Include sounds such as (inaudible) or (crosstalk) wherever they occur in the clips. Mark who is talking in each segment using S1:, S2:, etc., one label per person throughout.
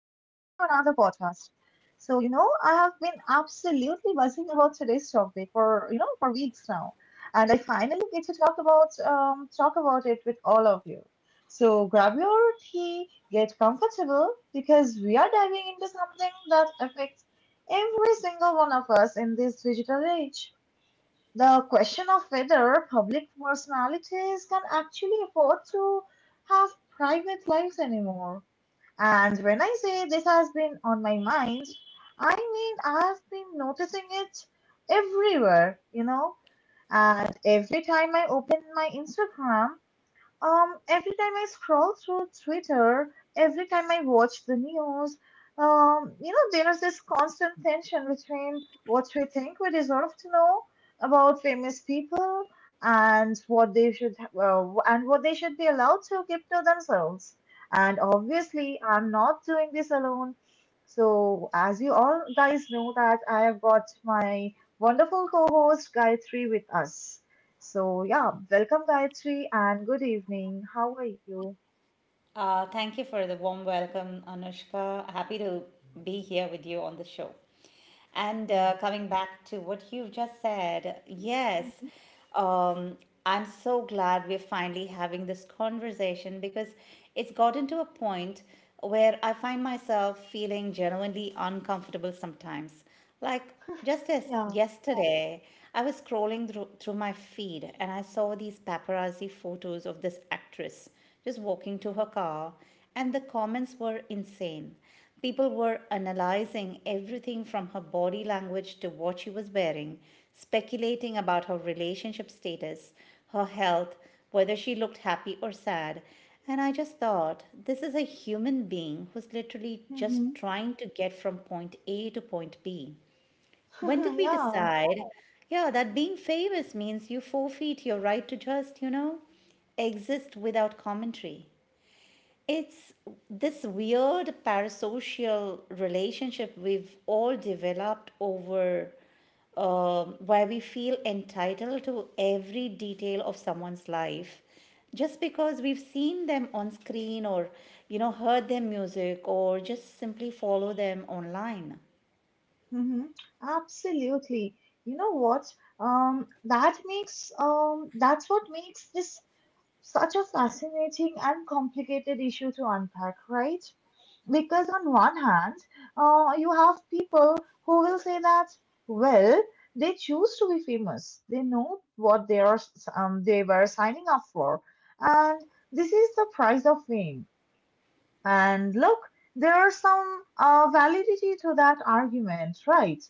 S1: I have been absolutely buzzing about today's topic for, for weeks now. And I finally get to talk about it with all of you. So, grab your tea, get comfortable because we are diving into something that affects every single one of us in this digital age. The question of whether public personalities can actually afford to have private lives anymore. And when I say this has been on my mind, I mean I've been noticing it everywhere. And every time I open my Instagram, every time I scroll through Twitter, every time I watch the news, there's this constant tension between what we think we deserve to know about famous people and what they should be allowed to keep to themselves. And obviously, I'm not doing this alone. So, as you all guys know, that I have got my wonderful co-host Gayatri with us. So, yeah, welcome Gayatri and good evening. How are you?
S2: Thank you for the warm welcome, Anushka. Happy to be here with you on the show. And
S1: Hmm.
S2: coming back to what you've just said, yes,
S1: Mhm.
S2: um, I'm so glad we're finally having this conversation because it's gotten to a point where I find myself feeling genuinely uncomfortable sometimes. Like just as
S1: Yeah.
S2: yesterday, I was scrolling through my feed and I saw these paparazzi photos of this actress just walking to her car, and the comments were insane. People were analyzing everything from her body language to what she was wearing, speculating about her relationship status, her health, whether she looked happy or sad. And I just thought, this is a human being who's literally
S1: Mm-hmm.
S2: just trying to get from point A to point B. When
S1: (laughs)
S2: did we
S1: Yeah.
S2: decide, yeah, that being famous means you forfeit your right to just, exist without commentary? It's this weird parasocial relationship we've all developed over, where we feel entitled to every detail of someone's life just because we've seen them on screen or heard their music or just simply follow them online.
S1: Mm-hmm. Absolutely. You know what? That makes that's what makes this such a fascinating and complicated issue to unpack, right? Because on one hand, you have people who will say that, well, they choose to be famous. They know what they are, they were signing up for, and this is the price of fame. And look, there are some validity to that argument, right?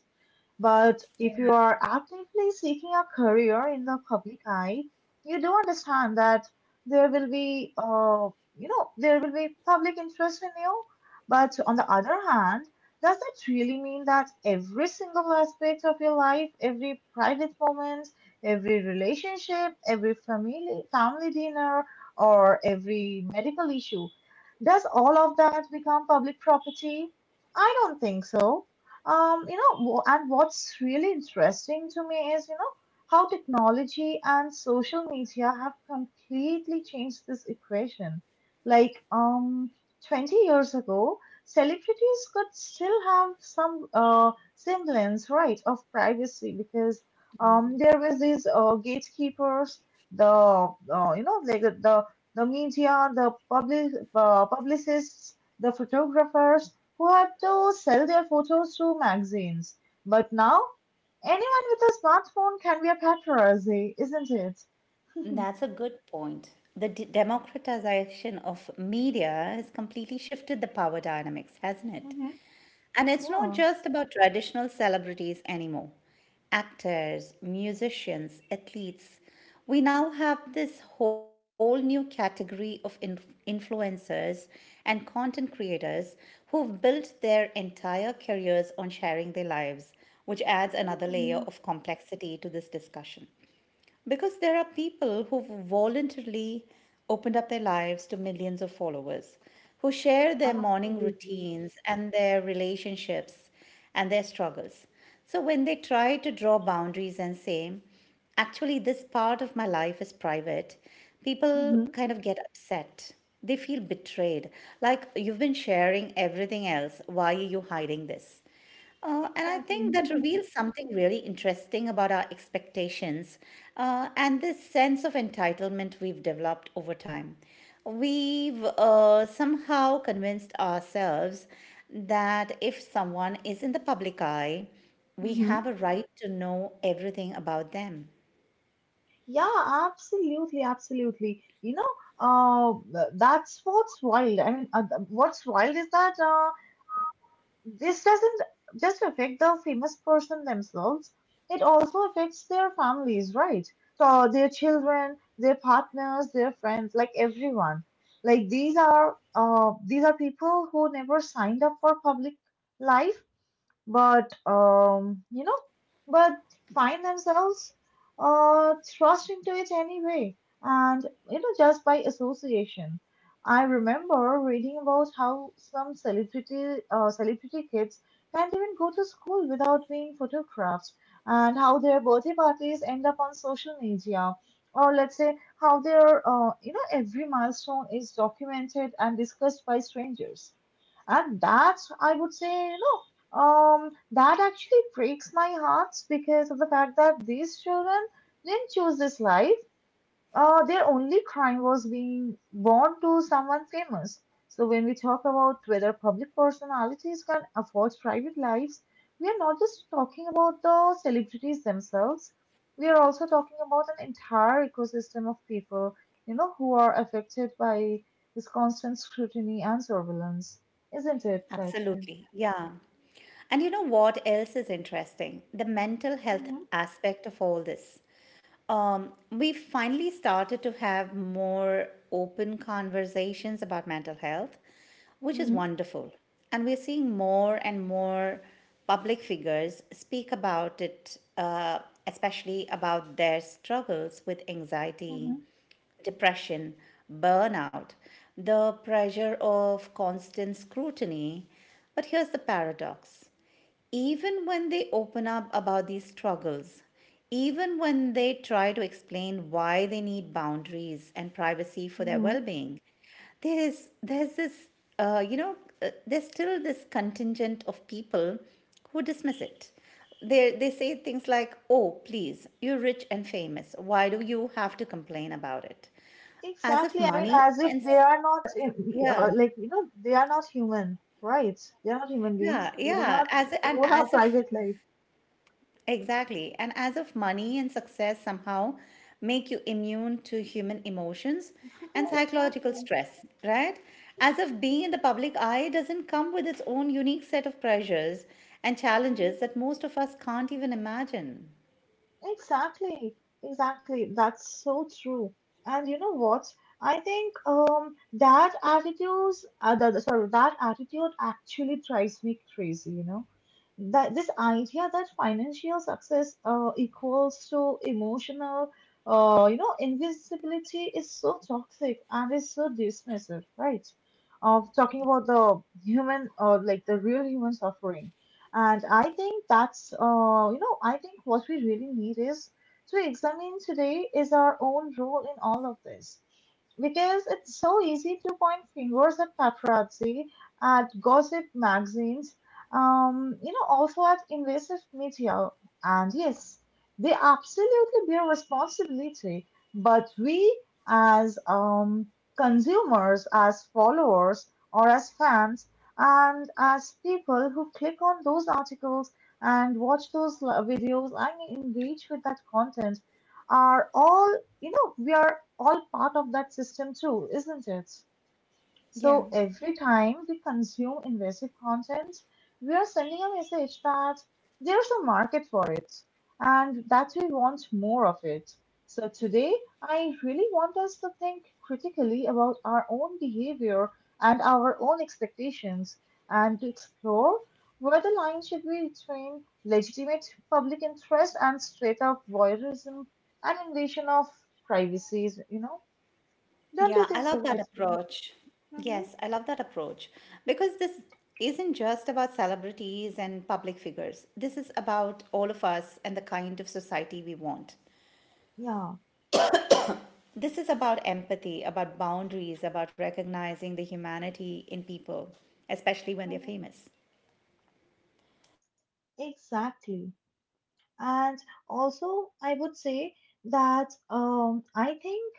S1: But if you are actively seeking a career in the public eye, you do understand that there will be there will be public interest in you. But on the other hand, does that really mean that every single aspect of your life, every private moment, every relationship, every family dinner, or every medical issue, does all of that become public property? I don't think so. And what's really interesting to me is, you know, how technology and social media have completely changed this equation. Like, um, 20 years ago, celebrities could still have some semblance, right, of privacy because there was these gatekeepers, like the media, the publicists, the photographers, who had to sell their photos to magazines. But now, anyone with a smartphone can be a paparazzi, isn't it? (laughs)
S2: That's a good point. The democratization of media has completely shifted the power dynamics, hasn't it?
S1: Hmm.
S2: And it's not
S1: Yeah.
S2: just about traditional celebrities anymore. Actors, musicians, athletes. We now have this whole new category of influencers and content creators who've built their entire careers on sharing their lives, which adds another layer
S1: Mm,
S2: of complexity to this discussion. Because there are people who voluntarily opened up their lives to millions of followers, who share their morning
S1: absolutely.
S2: routines and their relationships and their struggles. So when they try to draw boundaries and say, actually, this part of my life is private, people
S1: Hmm.
S2: kind of get upset. They feel betrayed. Like, you've been sharing everything else. Why are you hiding this? And I think
S1: Exactly.
S2: that reveals something really interesting about our expectations and this sense of entitlement we've developed over time. We've somehow convinced ourselves that if someone is in the public eye,
S1: (laughs)
S2: we
S1: Hmm.
S2: have a right to know everything about them.
S1: Yeah, absolutely, absolutely. You know, that's what's wild. I mean, what's wild is that this doesn't just affect the famous person themselves, it also affects their families, right? So their children, their partners, their friends, like everyone. Like these are people who never signed up for public life but um, you know, but find themselves thrust into it anyway, and you know, just by association. I remember reading about how some celebrity kids can't even go to school without being photographed, and how their birthday parties end up on social media, or let's say how their you know every milestone is documented and discussed by strangers, and that I would say no. That actually breaks my heart because of the fact that these children didn't choose this life. Their only crime was being born to someone famous. So when we talk about whether public personalities can afford private lives, we are not just talking about the celebrities themselves. We are also talking about an entire ecosystem of people, you know, who are affected by this constant scrutiny and surveillance, isn't it, Gayatri?
S2: Absolutely. Yeah. And you know what else is interesting? The mental health
S1: Mm-hmm,
S2: aspect of all this. We finally started to have more open conversations about mental health, which is
S1: mm-hmm,
S2: wonderful. And we're seeing more and more public figures speak about it, especially about their struggles with anxiety,
S1: mm-hmm.
S2: depression, burnout, the pressure of constant scrutiny. But here's the paradox even when they open up about these struggles, even when they try to explain why they need boundaries and privacy for their
S1: Hmm.
S2: well-being, there's this uh, you know there's still this contingent of people who dismiss it. They say things like, "Oh, please, you're rich and famous. Why do you have to complain about it?" As if
S1: Exactly. I mean,
S2: money
S1: as
S2: and
S1: if they
S2: success,
S1: are not,
S2: yeah,
S1: like, you know, they are not human, right? They are not
S2: yeah,
S1: human beings.
S2: yeah.
S1: They do
S2: As
S1: not
S2: and as
S1: own our
S2: if
S1: private life.
S2: exactly. And as if money and success somehow make you immune to human emotions and
S1: (laughs)
S2: psychological
S1: Exactly.
S2: stress, right? As if being in the public eye doesn't come with its own unique set of pressures and challenges that most of us can't even imagine.
S1: Exactly, exactly. That's so true. And you know what? I think that attitudes the- sorry, that attitude actually drives me crazy. You know that this idea that financial success equals to emotional invisibility is so toxic and is so dismissive, right? Of talking about the human or like the real human suffering, and I think I think what we really need is to examine today is our own role in all of this. Because it's so easy to point fingers at paparazzi, at gossip magazines, also at invasive media. And yes, they absolutely bear responsibility. But we, as consumers, as followers, or as fans, and as people who click on those articles and watch those videos and engage with that content are all, you know, we are all part of that system too, isn't it?
S2: Yeah.
S1: So every time we consume invasive content, we are sending a message that there's a market for it and that we want more of it. So today, I really want us to think critically about our own behavior and our own expectations and to explore where the line should be between legitimate public interest and straight up voyeurism and invasion of privacy, you know? Don't you
S2: Yeah, I
S1: think so,
S2: love that
S1: Gayatri?
S2: approach.
S1: Hmm.
S2: Yes, I love that approach because this isn't just about celebrities and public figures. This is about all of us and the kind of society we want.
S1: Yeah.
S2: This is about empathy, about boundaries, about recognizing the humanity in people, especially when they're
S1: Mhm.
S2: famous.
S1: Exactly. And also, I would say that I think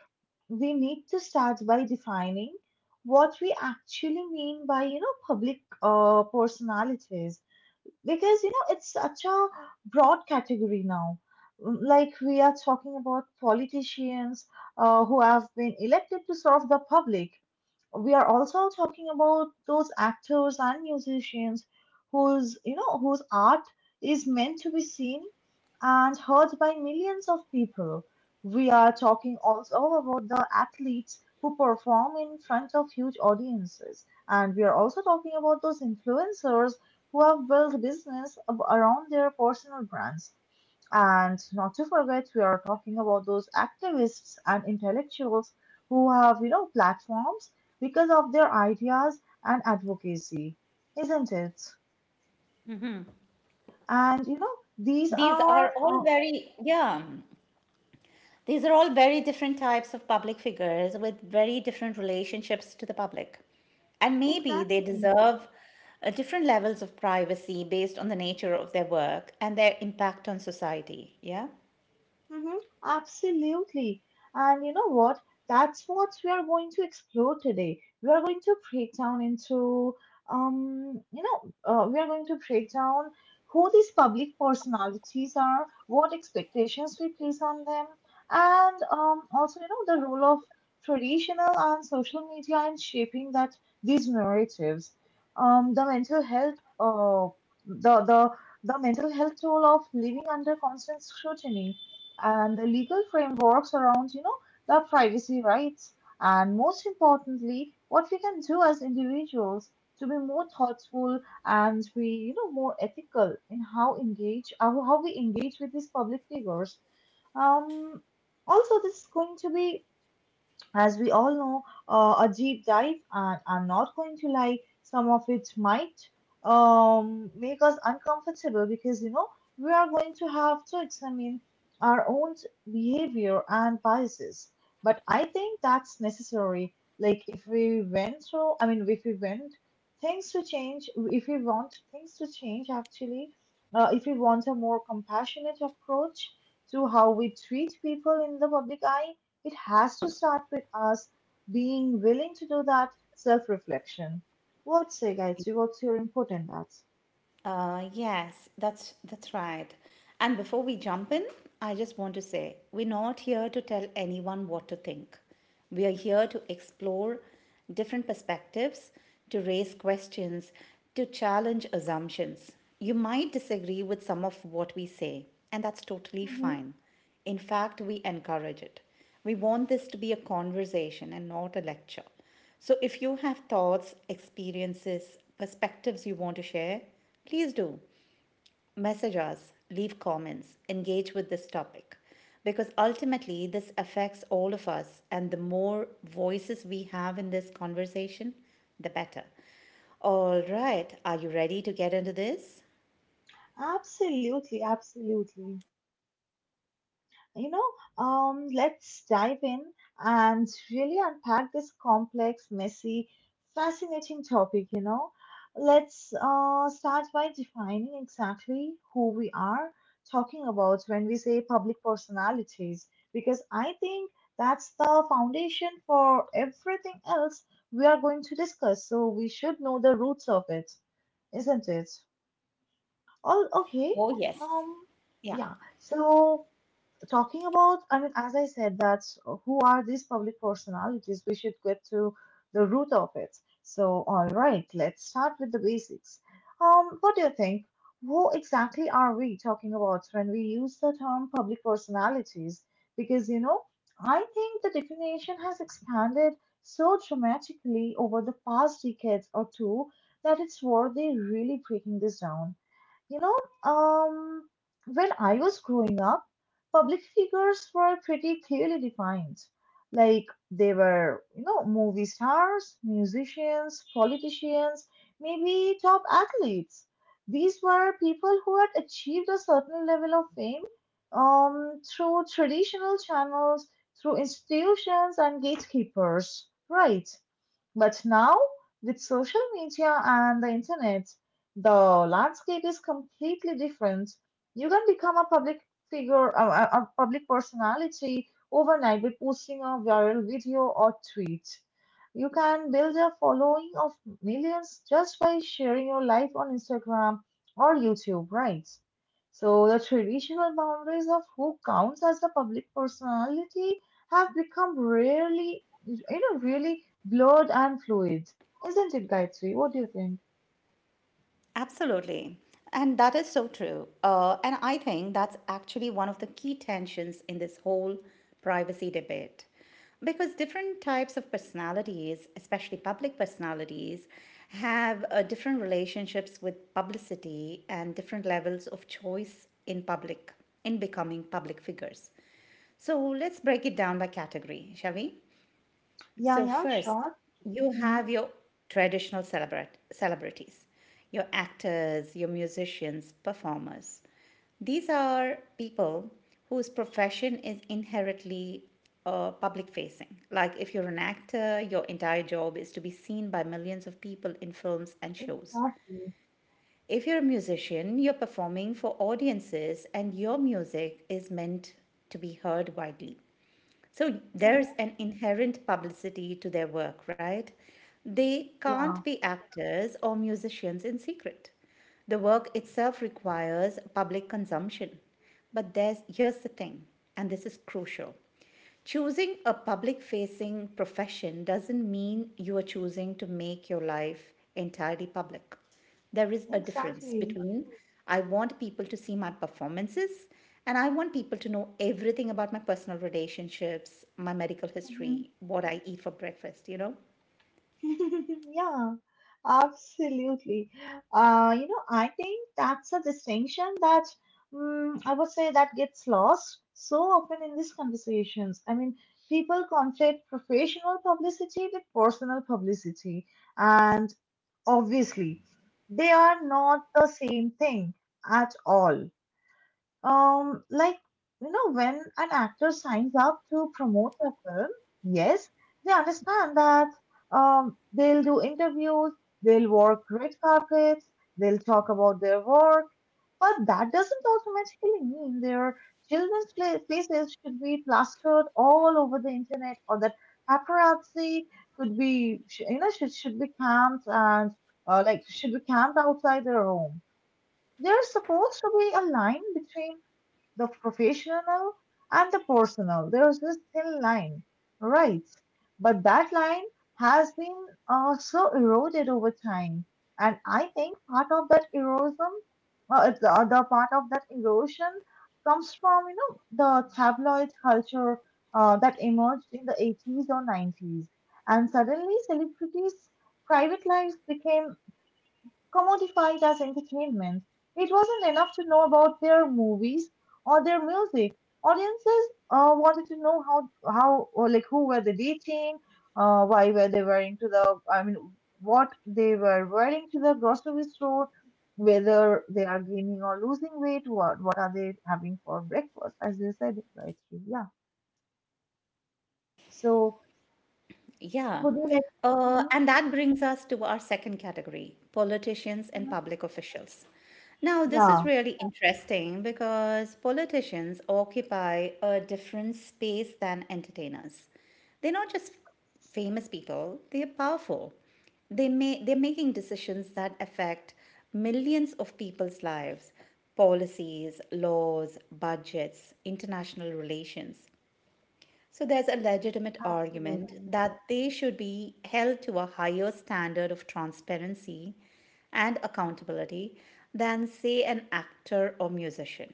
S1: we need to start by defining what we actually mean by, you know, public personalities. Because, you know, it's such a broad category now. Mm. Like, we are talking about politicians who have been elected to serve the public, we are also talking about those actors and musicians whose you know whose art is meant to be seen and heard by millions of people, we are talking also about the athletes who perform in front of huge audiences, and we are also talking about those influencers who have built business around their personal brands, and not to forget, we are talking about those activists and intellectuals who have, you know, platforms because of their ideas and advocacy, isn't it? And, you know, these
S2: These are
S1: are
S2: all very, yeah, these are all very different types of public figures with very different relationships to the public. And maybe they
S1: exactly.
S2: deserve different levels of privacy based on the nature of their work and their impact on society. Yeah.
S1: Mm-hmm, absolutely. And you know what? That's what we are going to explore today. We are going to break down into, you know, we are going to break down who these public personalities are, what expectations we place on them, and also, you know, the role of traditional and social media in shaping that these narratives. Um, the mental health, uh, the the the mental health toll of living under constant scrutiny and the legal frameworks around, you know, the privacy rights, and most importantly, what we can do as individuals to be more thoughtful and be, you know, more ethical in how how we engage with these public figures. Um, Also, this is going to be, as we all know, a deep dive, and I'm not going to lie, some of it might make us uncomfortable because, you know, we are going to have to examine our own behavior and biases. But I think that's necessary. Like, if we went through, I mean, if we went things to change, if we want things to change, actually, if we want a more compassionate approach to how we treat people in the public eye, it has to start with us being willing to do that self reflection. What say, guys? What's your input in that?
S2: Yes, that's right. And before we jump in, I just want to say we're not here to tell anyone what to think. We are here to explore different perspectives, to raise questions, to challenge assumptions. You might disagree with some of what we say, and that's totally
S1: Hmm.
S2: fine. In fact, we encourage it. We want this to be a conversation and not a lecture. So, if you have thoughts, experiences, perspectives you want to share, please do. Message us, leave comments, engage with this topic. Because ultimately, this affects all of us, and the more voices we have in this conversation, the better. All right, are you ready to get into this?
S1: Absolutely, absolutely. You know, let's dive in and really unpack this complex, messy, fascinating topic, you know. Let's start by defining exactly who we are talking about when we say public personalities, because I think that's the foundation for everything else we are going to discuss. So we should know the roots of it, isn't it? Oh, okay.
S2: Oh, yes.
S1: Um,
S2: Yeah.
S1: yeah. So talking about, I mean, as I said, that who are these public personalities? We should get to the root of it. So, all right, let's start with the basics. What do you think? Who exactly are we talking about when we use the term public personalities? Because, you know, I think the definition has expanded so dramatically over the past decades or two that it's worthy really breaking this down. You know, um, when I was growing up, public figures were pretty clearly defined. Like they were, you know, movie stars, musicians, politicians, maybe top athletes. These were people who had achieved a certain level of fame through traditional channels, through institutions and gatekeepers, right? But now, with social media and the internet, the landscape is completely different. You can become a public figure, a public personality overnight by posting a viral video or tweet. You can build a following of millions just by sharing your life on Instagram or YouTube, right? So the traditional boundaries of who counts as a public personality have become rarely, you know, really Blood and fluids. Isn't it, Gayatri? What do you think?
S2: Absolutely. And that is so true. And I think that's actually one of the key tensions in this whole privacy debate. Because different types of personalities, especially public personalities, have different relationships with publicity and different levels of choice in public, in becoming public figures. So let's break it down by category, shall we?
S1: Yeah,
S2: So
S1: yeah,
S2: first,
S1: sure.
S2: you
S1: Mhm.
S2: have your traditional celebrities, your actors, your musicians, performers. These are people whose profession is inherently public facing. Like if you're an actor, your entire job is to be seen by millions of people in films and shows.
S1: Exactly.
S2: If you're a musician, you're performing for audiences and your music is meant to be heard widely. So
S1: Mhm.
S2: there's an inherent publicity to their work, right? They can't
S1: Yeah,
S2: be actors or musicians in secret. The work itself requires public consumption. But there's here's the thing, and this is crucial. Choosing a public facing profession doesn't mean you are choosing to make your life entirely public. There is a difference
S1: exactly.
S2: between I want people to see my performances and I want people to know everything about my personal relationships, my medical history, what I eat for breakfast, you know.
S1: (laughs) Yeah, absolutely. I think that's a distinction that I would say that gets lost so often in these conversations. I mean, people conflate professional publicity with personal publicity, and obviously, they are not the same thing at all. Um, like, when an actor signs up to promote a film, yes, they understand that they'll do interviews, they'll work red carpets, they'll talk about their work, but that doesn't automatically mean their faces should be plastered all over the internet, or that paparazzi could be, sh- you know, should be camped and should be camped outside their home. There's supposed to be a line between the professional and the personal. There's this thin line, right? But that line has been so eroded over time. And I think part of that erosion, the other part of that erosion comes from, you know, the tabloid culture that emerged in the 80s or 90s. And suddenly celebrities' private lives became commodified as entertainment. It wasn't enough to know about their movies or their music. Audiences wanted to know how or like who were they dating, why were they wearing to the I mean what they were wearing to the grocery store, whether they are gaining or losing weight, what are they having for breakfast, as you said, right? Yeah. So
S2: Yeah.
S1: would you like?
S2: Uh,
S1: Mhm,
S2: and that brings us to our second category politicians and
S1: mhm.
S2: public officials. Now, this is
S1: Yeah,
S2: really interesting because politicians occupy a different space than entertainers. They're not just famous people, they're powerful. They're making decisions that affect millions of people's lives policies, laws, budgets, international relations. So there's a legitimate argument
S1: absolutely,
S2: that they should be held to a higher standard of transparency and accountability than, say, an actor or musician.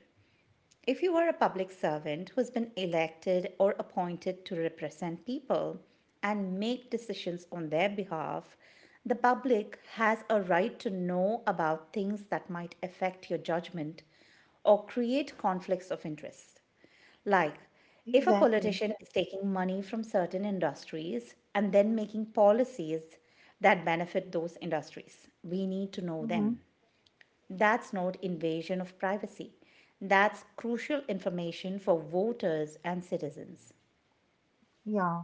S2: If you are a public servant who's been elected or appointed to represent people and make decisions on their behalf, the public has a right to know about things that might affect your judgment or create conflicts of interest. Like, if a
S1: exactly.
S2: politician is taking money from certain industries and then making policies that benefit those industries, we need to know
S1: Hmm.
S2: them. That's not invasion of privacy. That's crucial information for voters and citizens.
S1: Yeah.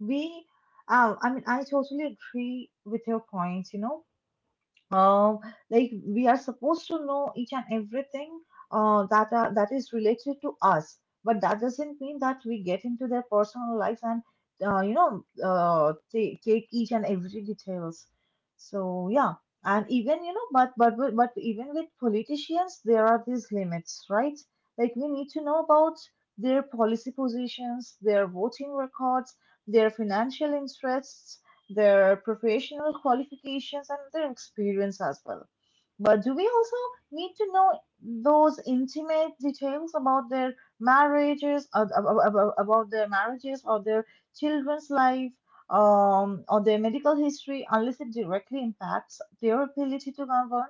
S1: We, I mean, I totally agree with your points, you know um like we are supposed to know each and everything that is related to us, but that doesn't mean that we get into their personal life and take each and every details. So yeah. And even you know but even with politicians there are these limits, right? Like we need to know about their policy positions, their voting records, their financial interests, their professional qualifications, and their experience as well. But do we also need to know those intimate details about their marriages, ab- ab- ab- ab- about their marriages, or their children's life, or their medical history, unless it directly impacts their ability to govern?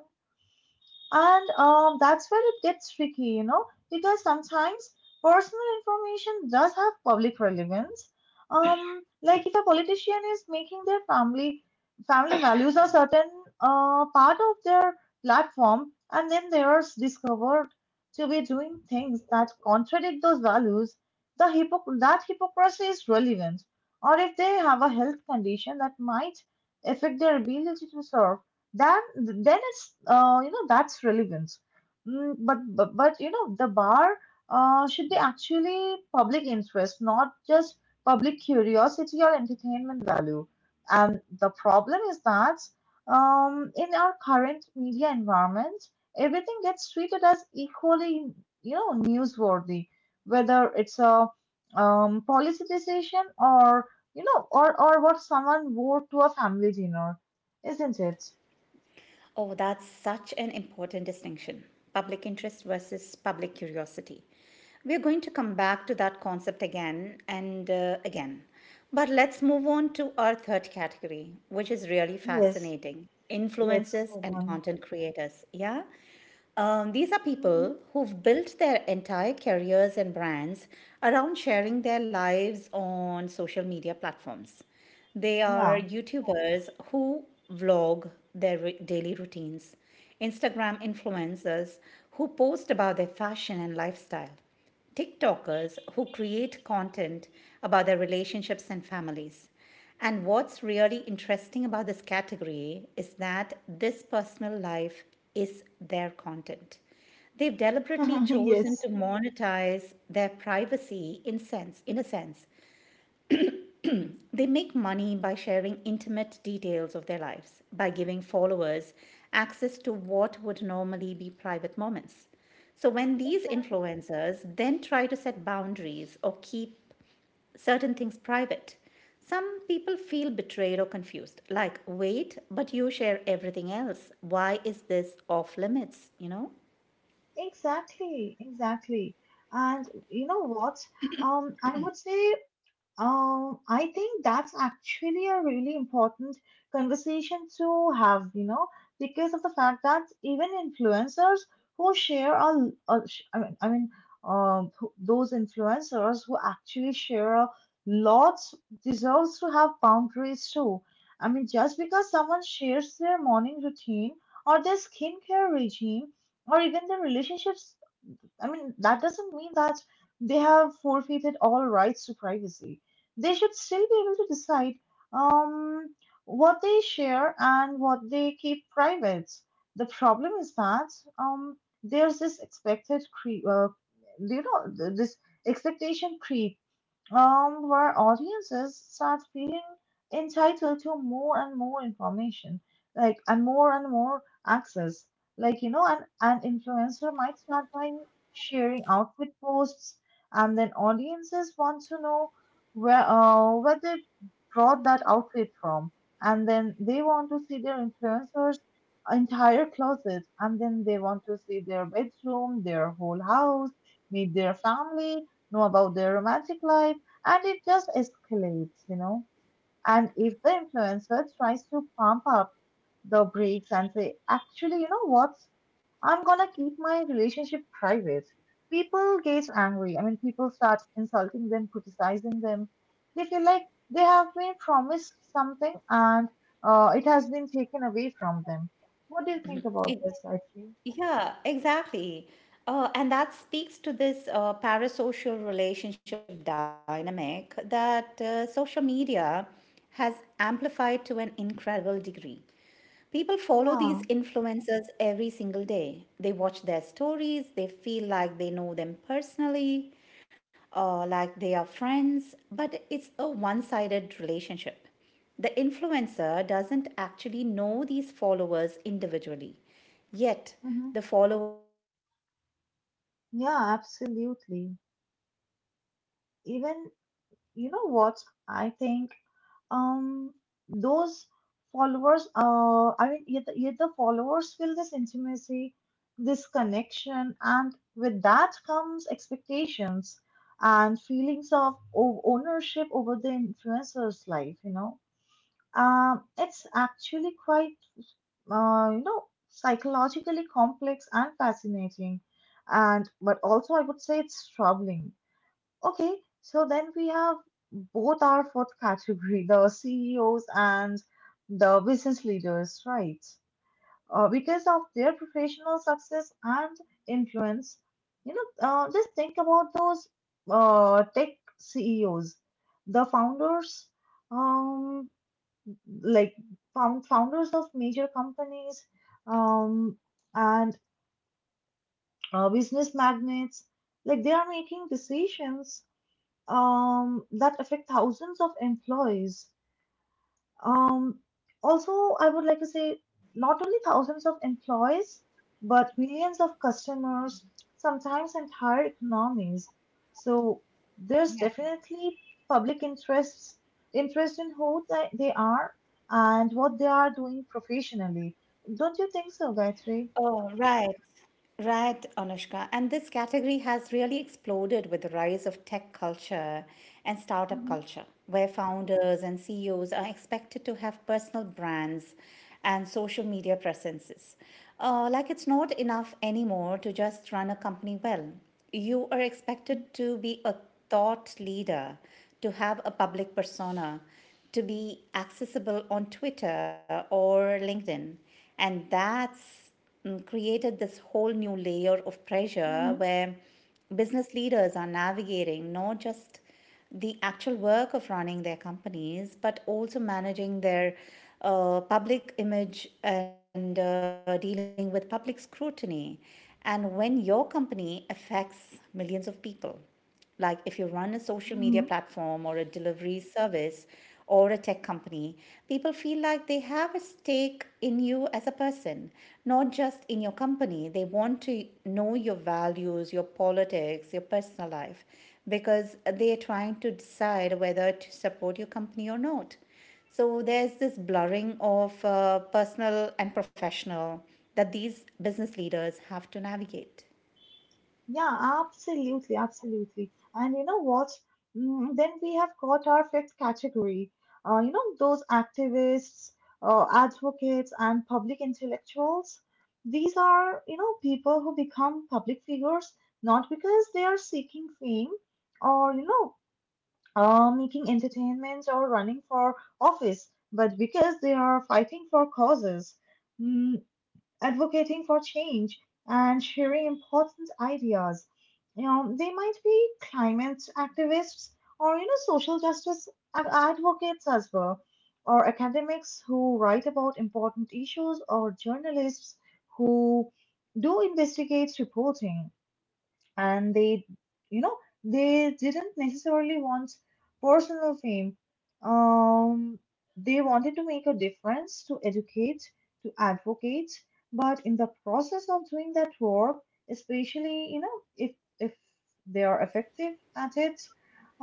S1: And that's where it gets tricky, you know, because sometimes personal information does have public relevance. Like if a politician is making their family values a certain part of their platform, and then they are discovered to be doing things that contradict those values, that hypocrisy is relevant. Or if they have a health condition that might affect their ability to serve, then it's that's relevant. But you know, the bar should be actually public interest, not just public curiosity or entertainment value. And the problem is that in our current media environment, everything gets treated as equally, you know, newsworthy, whether it's a policy decision or what someone wore to a family dinner, isn't it?
S2: Oh, that's such an important distinction public interest versus public curiosity. We're going to come back to that concept again and again. But let's move on to our third category, which is really
S1: Yes,
S2: fascinating
S1: let's
S2: influencers
S1: move
S2: and
S1: on.
S2: content creators. Yeah? These are people
S1: Hmm.
S2: who've built their entire careers and brands around sharing their lives on social media platforms. They are
S1: Yeah,
S2: YouTubers who vlog their daily routines, Instagram influencers who post about their fashion and lifestyle, TikTokers who create content about their relationships and families. And what's really interesting about this category is that this personal life is their content. They've deliberately
S1: (laughs)
S2: chosen
S1: yes,
S2: to monetize their privacy in a sense they make money by sharing intimate details of their lives, by giving followers access to what would normally be private moments. So when these
S1: exactly,
S2: influencers then try to set boundaries or keep certain things private, some people feel betrayed or confused. Like, wait, but you share everything else. Why is this off limits? You know?
S1: exactly. And you know what? Um, I would say, I think that's actually a really important conversation to have, you know, because of the fact that even influencers who share a sh- I mean, who- those influencers who actually share a lot deserves to have boundaries too. I mean, just because someone shares their morning routine or their skincare regime or even their relationship, I mean, that doesn't mean that they have forfeited all rights to privacy. They should still be able to decide um, what they share and what they keep private. The problem is that um, there's this expected, cre- you know, th- this expectation creep, where audiences start feeling entitled to more and more information, and more access. Like, an influencer might start by sharing outfit posts, and then audiences want to know where they brought that outfit from, and then they want to see their influencers' entire closet, and then they want to see their bedroom, their whole house, meet their family, know about their romantic life, and it just escalates, you know. And if the influencer tries to pump up the brakes and say, actually, you know what, I'm gonna keep my relationship private, people get angry. I mean, people start insulting them, criticizing them. They feel like they have been promised something and it has been taken away from them. What do you think about this, actually?
S2: Yeah, exactly. And that speaks to this parasocial relationship dynamic that social media has amplified to an incredible degree. People follow these
S1: Yeah,
S2: influencers every single day. They watch their stories, they feel like they know them personally, like they are friends, but it's a one sided relationship. The influencer doesn't actually know these followers individually. Yet,
S1: hmm,
S2: the followers feel this intimacy, this
S1: yeah,
S2: connection,
S1: absolutely.
S2: and with what that comes, ex-
S1: Even,
S2: and
S1: you
S2: you
S1: know
S2: know,
S1: what,
S2: with,
S1: I
S2: with
S1: think
S2: that comes
S1: um
S2: expectations
S1: those
S2: and
S1: followers
S2: feelings of,
S1: I mean yet the followers feel this intimacy, this connection, and with that comes expectations
S2: hey,
S1: and
S2: what is this,
S1: feelings
S2: Ishita?
S1: of ownership over the influencer's life. It's actually quite uh you know psychologically complex and fascinating, and but also I would say it's troubling. Okay, so then we have both our fourth category, the CEOs and the business leaders, right? Because of their professional success and influence, you know, just think about those tech CEOs, the founders, um, like founders of major companies, um, and business magnates. Like they are making decisions that affect thousands of employees. Um, Also, I would like to say, not only thousands of employees, but millions of customers, sometimes entire economies. So there's definitely public interest in who they are and what they are doing professionally. Don't you think so, Gayatri?
S2: Oh, right. Right, Anushka. And this category has really exploded with the rise of tech culture and startup
S1: Hmm.
S2: culture, where founders and CEOs are expected to have personal brands and social media presences. Like it's not enough anymore to just run a company well. You are expected to be a thought leader, to have a public persona, to be accessible on Twitter or LinkedIn. And that's mm, created this whole new layer of pressure where business leaders are navigating not just the actual work of running their companies, but also managing their public image and dealing with public scrutiny. And when your company affects millions of people. Like if you run a social media
S1: Mm-hmm.
S2: platform or a delivery service or a tech company, people feel like they have a stake in you as a person, not just in your company. They want to know your values, your politics, your personal life, because they are trying to decide whether to support your company or not. So there's this blurring of personal and professional that these business leaders have to navigate.
S1: Yeah, absolutely, absolutely. And you know what? Then we have got our fifth category. Those activists, advocates, and public intellectuals. These are, you know, people who become public figures not because they are seeking fame or, you know, making entertainment or running for office, but because they are fighting for causes. Mm, Advocating for change and sharing important ideas. You know, they might be climate activists or, you know, social justice advocates as well, or academics who write about important issues, or journalists who do investigate reporting, and they you know they didn't necessarily want personal fame. um they wanted to make a difference, to educate, to advocate, but in the process of doing that work, especially you know, if they are effective at it,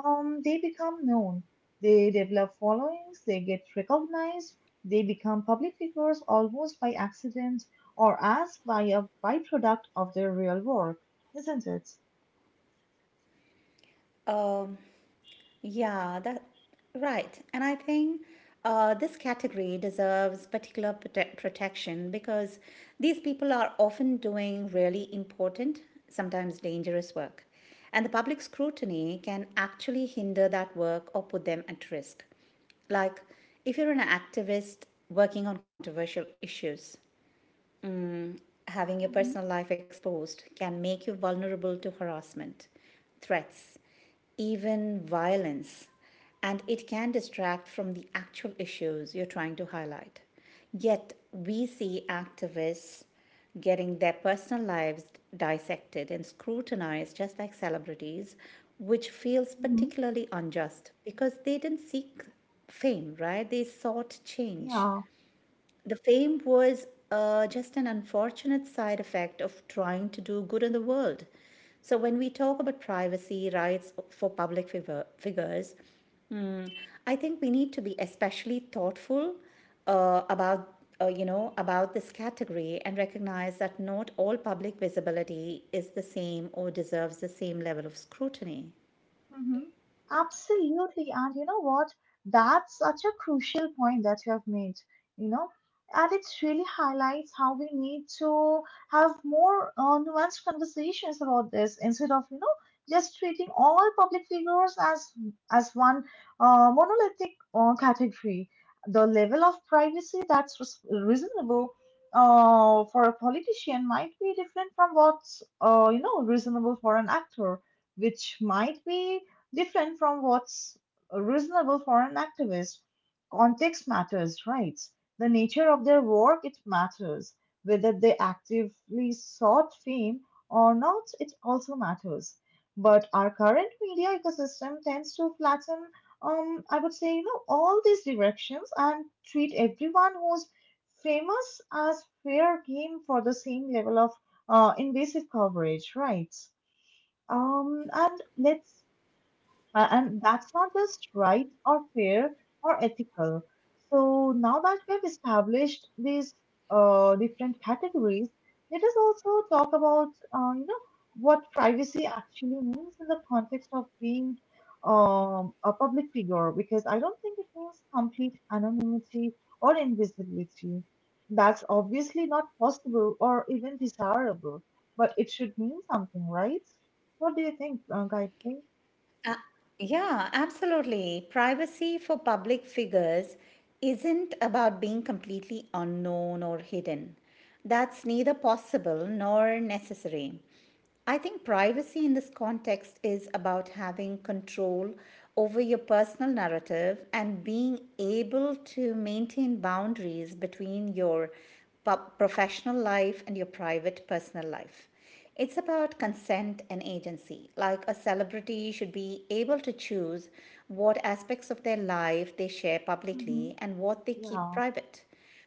S1: they become known, they develop followings, they get recognized. They become public figures almost by accident, or as by a byproduct of their real work, isn't it?
S2: Um, Yeah, that right. And I think this category deserves particular protection because these people are often doing really important, sometimes dangerous work. And the public scrutiny can actually hinder that work or put them at risk. Like if you're an activist working on controversial issues, having your
S1: Mm-hmm.
S2: personal life exposed can make you vulnerable to harassment, threats, even violence, and it can distract from the actual issues you're trying to highlight. Yet, we see activists getting their personal lives dissected and scrutinized just like celebrities, which feels
S1: Mm-hmm.
S2: particularly unjust because they didn't seek fame, right? They sought change.
S1: Yeah.
S2: The fame was just an unfortunate side effect of trying to do good in the world. So, when we talk about privacy rights for public figures, mm, I think we need to be especially thoughtful about. You know about this category and recognize that not all public visibility is the same or deserves the same level of scrutiny.
S1: Hmm. Absolutely. And you know what? That's such a crucial point that you have made, you know, and it really highlights how we need to have more nuanced conversations about this instead of, you know, just treating all public figures as one monolithic category. The level of privacy that's reasonable for a politician might be different from what's reasonable for an actor, which might be different from what's reasonable for an activist. Context matters, right? The nature of their work, it matters. Whether they actively sought fame or not, it also matters. But our current media ecosystem tends to flatten, I would say, you know, all these directions, and treat everyone who's famous as fair game for the same level of invasive coverage, right? Um, and let's and that's not just right or fair or ethical. So now that we've established these different categories, let us also talk about uh, you know what privacy actually means in the context of being a public figure, because I don't think it means complete anonymity or invisibility. That's obviously not possible or even desirable, but it should mean something, right? What do you think, Gayatri?
S2: Yeah, absolutely. Privacy for public figures isn't about being completely unknown or hidden. That's neither possible nor necessary. I think privacy in this context is about having control over your personal narrative and being able to maintain boundaries between your professional life and your private personal life. It's about consent and agency. Like a celebrity should be able to choose what aspects of their life they share publicly and what they keep
S1: Yeah.
S2: private.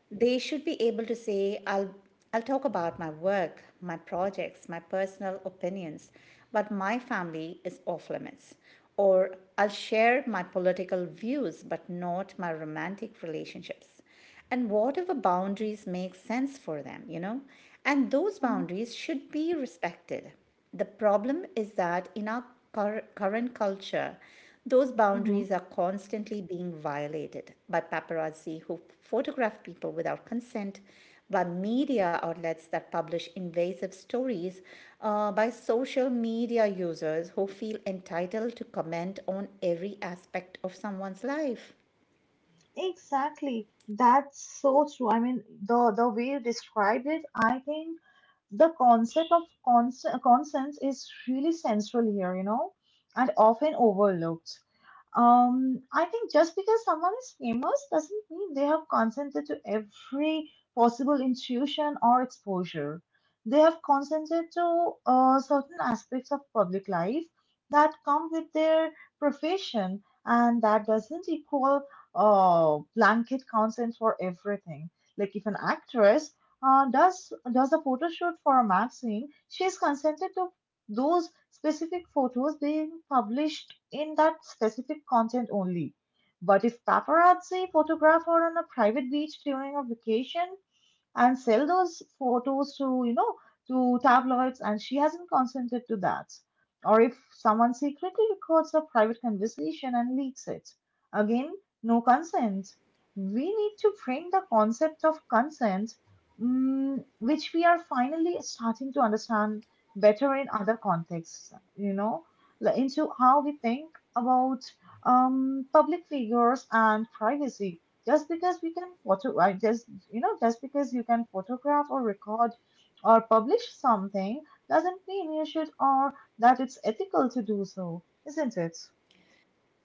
S2: They should be able to say, I'll talk about my work, my projects, my personal opinions, but my family is off limits. Or I'll share my political views, but not my romantic relationships. And whatever boundaries make sense for them, you know, and those
S1: Hmm.
S2: boundaries should be respected. The problem is that in our current culture, those
S1: Hmm.
S2: boundaries are constantly being violated by paparazzi who photograph people without consent, by media outlets that publish invasive stories, by social media users who feel entitled to comment on every aspect of someone's life.
S1: Exactly. That's so true. I mean, the way you described it, I think the concept of consents is really central here, you know, and often overlooked. I think just because someone is famous doesn't mean they have consented to every possible intuition or exposure. They have consented to certain aspects of public life that come with their profession, and that doesn't equal blanket consent for everything. Like if an actress does a photo shoot for a magazine, she is consented to those specific photos being published in that specific content only. But if paparazzi photograph her on a private beach during a vacation, and sell those photos to, you know, to tabloids, and she hasn't consented to that. Or if someone secretly records a private conversation and leaks it. Again, no consent. We need to bring the concept of consent, which we are finally starting to understand better in other contexts, like into how we think about public figures and privacy. Just because we can photo I just just because you can photograph or record or publish something doesn't mean you should, or that it's ethical to do so, isn't it?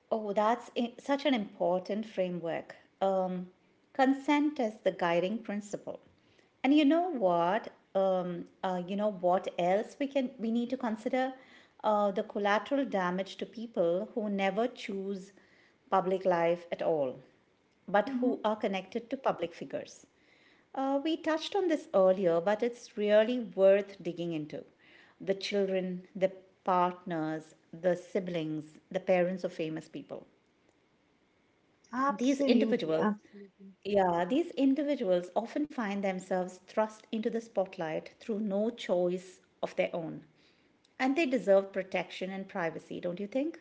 S2: Oh, that's such an important framework. Consent is the guiding principle. And you know what? You know what else we need to consider? The collateral damage to people who never choose public life at all, but who
S1: hmm
S2: are connected to public figures. We touched on this earlier, but it's really worth digging into. The children, the partners, the siblings, the parents of famous people. These
S1: Absolutely,
S2: individuals,
S1: absolutely,
S2: yeah, these individuals often find themselves thrust into the spotlight through no choice of their own and they deserve protection and privacy, don't you think?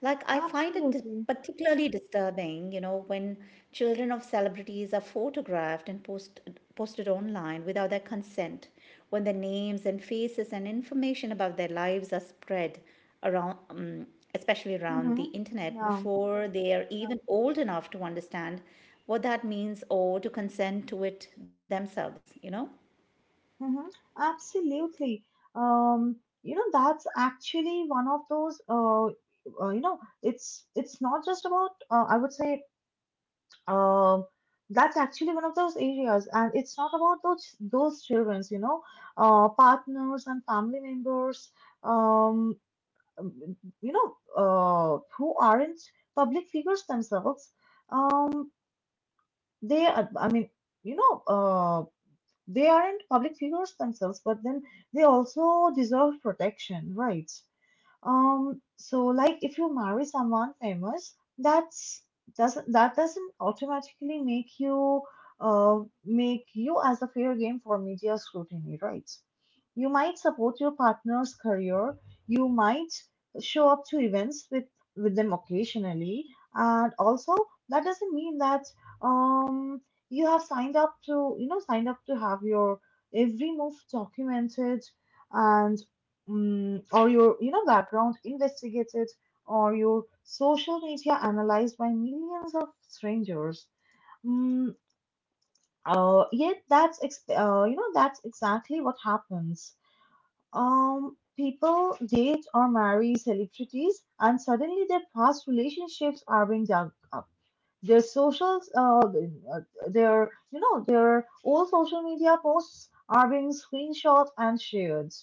S2: Like, I find it
S1: absolutely.
S2: particularly disturbing, you know, when children of celebrities are posted online without their consent, when their names and faces and information about their lives are spread around, especially around the
S1: hmm
S2: internet,
S1: Yeah,
S2: before they are even old enough to understand what that means or to consent to it themselves, you know?
S1: hmm absolutely. Um, that's actually one of those. It's not just about. I would say, Um, that's actually one of those areas, and it's not about those childrens, partners and family members, um, um, who aren't public figures themselves. Um, I mean, you know, uh, they aren't public figures themselves, but then they also deserve protection, right? So like if you marry someone famous, that's doesn't that doesn't automatically uh make you as a fair game for media scrutiny, right? You might support your partner's career, you might show up to events with them occasionally, and also that doesn't mean that um you have signed up to have your every move documented, and or your, background investigated, or your social media analyzed by millions of strangers. mm, Yet that's ex- you know that's exactly what happens. People date or marry celebrities and suddenly their past relationships are being dug up, their social their you know their old social media posts are being screenshot and shared,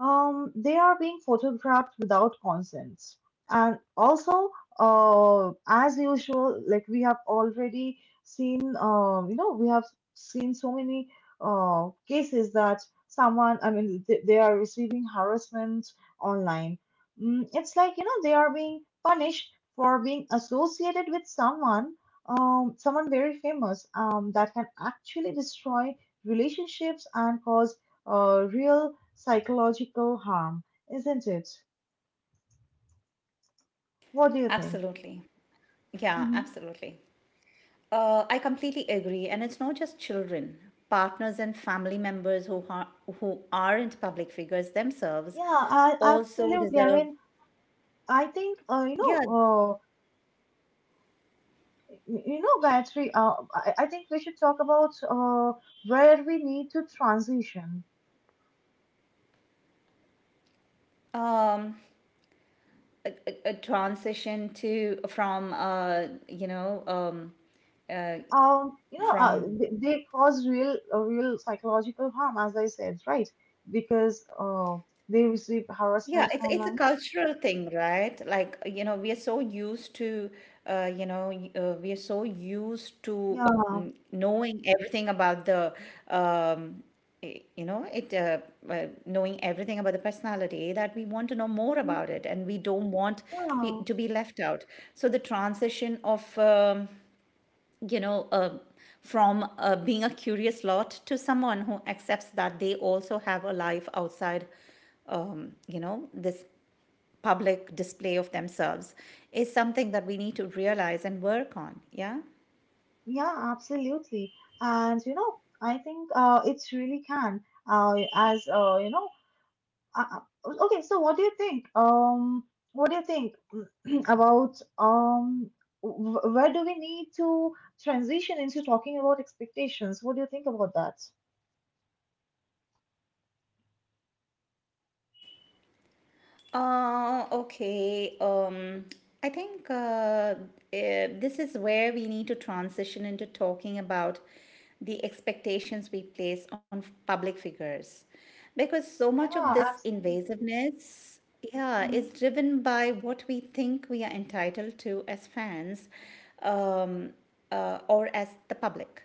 S1: they are being photographed without consent. And also, as usual, like we have already seen, we have seen so many cases that I mean, they are receiving harassment online. It's like, they are being punished for being associated with someone, someone very famous, that can actually destroy relationships and cause real psychological harm, isn't it? What do you think?
S2: Absolutely. Yeah,
S1: hmm
S2: absolutely. I completely agree, and it's not just children. Partners and family members who aren't public figures themselves
S1: Yeah,
S2: also
S1: absolutely. I
S2: deserve,
S1: mean, I think
S2: yeah,
S1: Gayatri. I think we should talk about where we need to transition.
S2: um, a transition to from you know uh, from
S1: They cause real, real psychological harm, as I said, right? Because They receive
S2: yeah,
S1: harassment
S2: it's a
S1: online.
S2: cultural thing, right? Like, you know, we are so used to, we are so used to
S1: Yeah.
S2: knowing everything about the um, you know it knowing everything about the personality that we want to know more
S1: hmm
S2: about it and we don't want
S1: Yeah.
S2: to be left out, so the transition of you know uh, from being a curious lot to someone who accepts that they also have a life outside you know this public display of themselves is something that we need to realize and work on, yeah.
S1: Yeah, absolutely. And you know, I think it really can. Uh, as uh, you know, uh, okay, so what do you think? What do you think (clears throat) about where do we need to transition into talking about expectations? What do you think about that?
S2: Uh, okay. Um, I think this is where we need to transition into talking about the expectations we place on public figures. Because so much of
S1: Yeah,
S2: this
S1: absolutely.
S2: invasiveness, yeah,
S1: Mm-hmm,
S2: is driven by what we think we are entitled to as fans um, or as the public.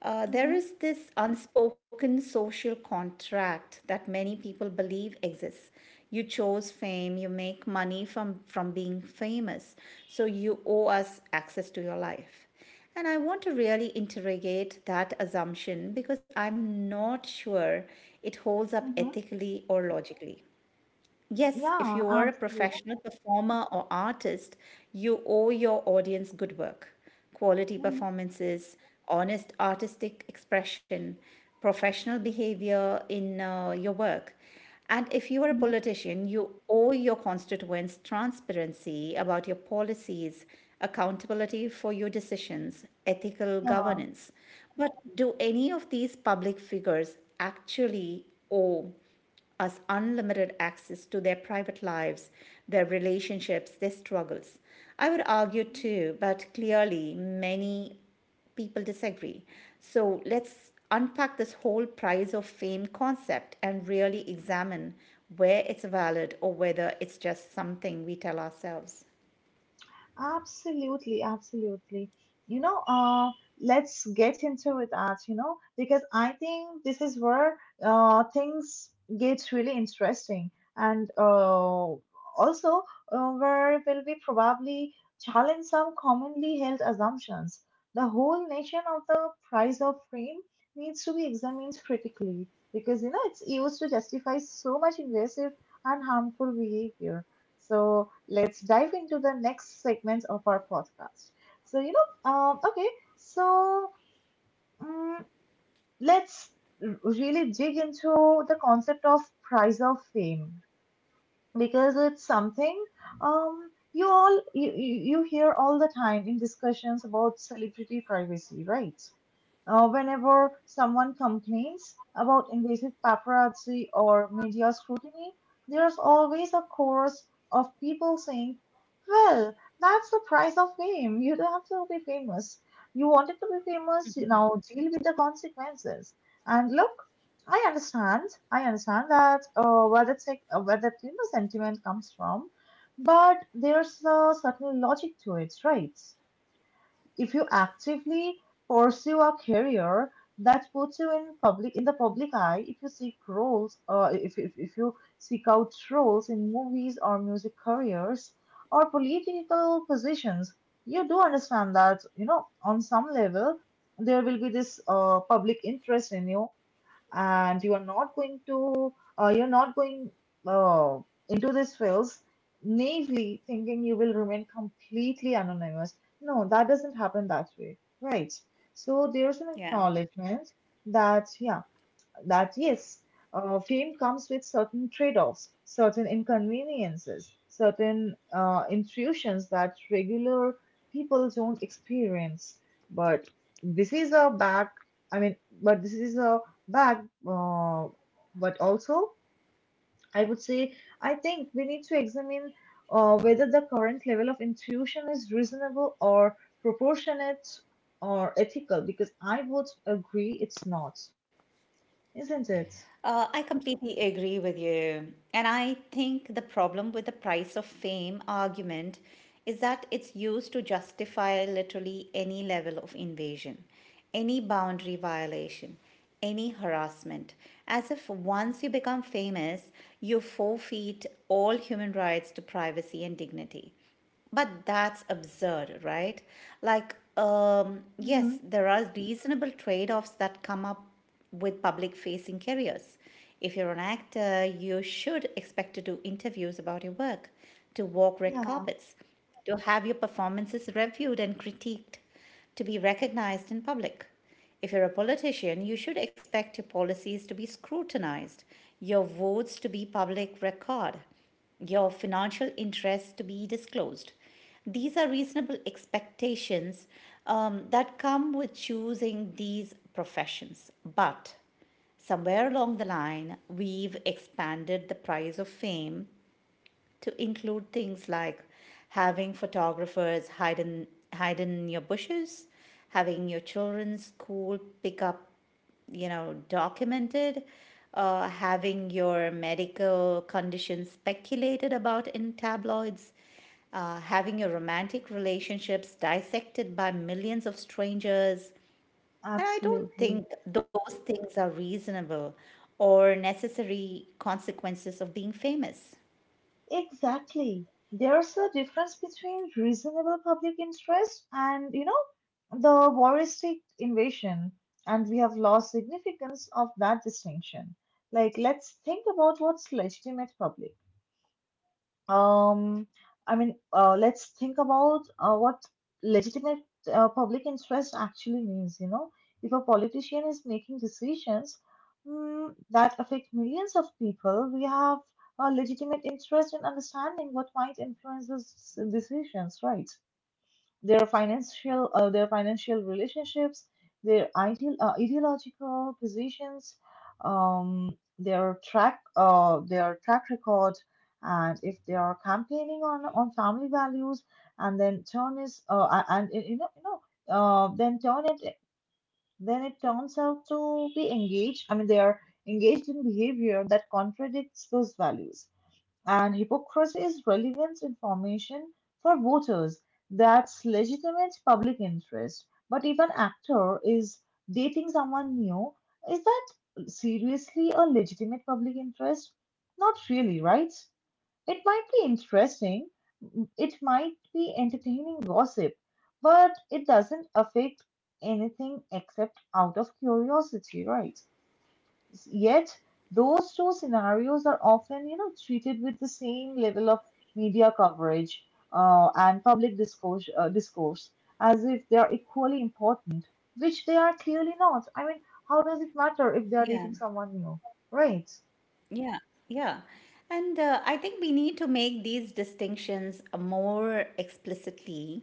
S2: There
S1: mm-hmm,
S2: is this unspoken social contract that many people believe exists. You chose fame, you make money from being famous, so you owe us access to your life. And I want to really interrogate that assumption because I'm not sure it holds up
S1: mm-hmm.
S2: ethically or logically. Yes, if
S1: Yeah,
S2: you are a
S1: absolutely.
S2: professional performer or artist, you owe your audience good work, quality
S1: Mm-hmm,
S2: performances, honest artistic expression, professional behavior in your work. And if you are a
S1: mm-hmm,
S2: politician, you owe your constituents transparency about your policies, accountability for your decisions, ethical governance. But do any of these public figures actually owe us unlimited access to their private lives, their relationships, their struggles. I would argue
S1: yeah.
S2: too, but clearly many people disagree. So let's unpack this whole prize of fame concept and really examine where it's valid or whether it's just something we tell ourselves.
S1: Absolutely, absolutely. You know, uh, let's get into it, Art, you know, because I think this is where things get really interesting. And also, where will we probably challenge some commonly held assumptions. The whole notion of the price of fame needs to be examined critically because, you know, it's used to justify so much invasive and harmful behavior. So let's dive into the next segment of our podcast. So, okay, so um, let's really dig into the concept of price of fame, because it's something you hear all the time in discussions about celebrity privacy, right? Whenever someone complains about invasive paparazzi or media scrutiny, there's always a chorus of people saying, well, that's the price of fame, you don't have to be famous, you wanted to be famous, now deal with the consequences. And look, I understand. I understand that where that, sentiment comes from, but there's a certain logic to it, right? If you actively pursue a career that puts you in the public eye, if you seek roles, if you seek out roles in movies or music careers or political positions, you do understand that, you know, on some level there will be this public interest in you, and you are not going to you're not going uh, into these fields naively thinking you will remain completely anonymous. No, that doesn't happen that way, right? So there's an
S2: Yeah.
S1: acknowledgement that yes, fame comes with certain trade-offs, certain inconveniences, certain intrusions that regular people don't experience. But this is a back, I mean, this is a back, uh, but also, I would say, I think we need to examine whether the current level of intrusion is reasonable or proportionate or ethical, because I would agree it's not, isn't it?
S2: I completely agree with you. And I think the problem with the price of fame argument is that it's used to justify literally any level of invasion, any boundary violation, any harassment, as if once you become famous, you forfeit all human rights to privacy and dignity. But that's absurd, right? Like,
S1: Mm-hmm.
S2: yes, there are reasonable trade offs that come up with public facing careers. If you're an actor, you should expect to do interviews about your work, to walk red
S1: Yeah,
S2: carpets, to have your performances reviewed and critiqued, to be recognized in public. If you're a politician, you should expect your policies to be scrutinized, your votes to be public record, your financial interests to be disclosed. These are reasonable expectations that come with choosing these professions. But somewhere along the line, we've expanded the prize of fame to include things like having photographers hide in, hide in your bushes, having your children's school pick up, you know, documented, having your medical condition speculated about in tabloids, having your romantic relationships dissected by millions of strangers, and I don't
S1: absolutely.
S2: think those things are reasonable or necessary consequences of being famous.
S1: Exactly. There's a difference between reasonable public interest and, you know, the voyeuristic invasion, and we have lost significance of that distinction. Like, let's think about what's legitimate public. Um, I mean, let's think about what legitimate public interest actually means. You know, if a politician is making decisions that affect millions of people, we have a legitimate interest in understanding what might influence decisions, right? Their financial their financial relationships, their ideal ideological positions, um, their track record, and if they are campaigning on family values, and then turn is a- and you know then turn it then it turns out to be engaged. I mean, they are engaged in behavior that contradicts those values, and hypocrisy is relevant information for voters. That's legitimate public interest. But if an actor is dating someone new, is that seriously a legitimate public interest? Not really, right? It might be interesting, it might be entertaining gossip, but it doesn't affect anything except out of curiosity, right? Yet those two scenarios are often, you know, treated with the same level of media coverage and public discourse, as if they are equally important, which they are clearly not. I mean, how does it matter if they are
S2: Yeah.
S1: dating someone new, right?
S2: Yeah, yeah. And I think we need to make these distinctions more explicitly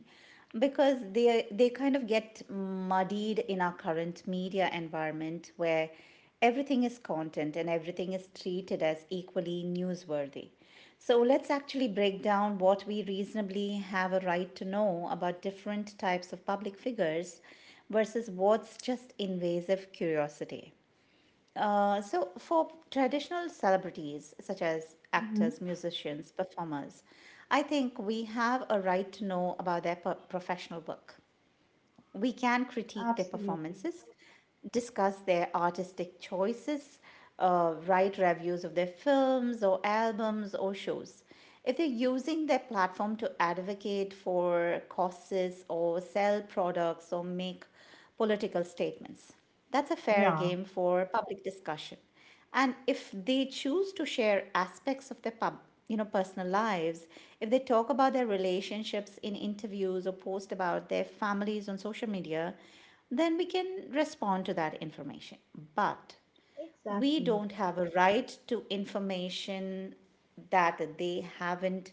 S2: because they kind of get muddied in our current media environment where everything is content and everything is treated as equally newsworthy. So let's actually break down what we reasonably have a right to know about different types of public figures versus what's just invasive curiosity. So, for traditional celebrities such as
S1: Mm-hmm.
S2: actors, musicians, performers, I think we have a right to know about their professional work, we can critique their
S1: Absolutely.
S2: performances, discuss their artistic choices, write reviews of their films or albums or shows. If they're using their platform to advocate for causes or sell products or make political statements, that's a fair
S1: Yeah,
S2: game for public discussion, and if they choose to share aspects of their you know, personal lives, if they talk about their relationships in interviews or post about their families on social media, then we can respond to that information, but we
S1: exactly.
S2: don't have a right to information that they haven't,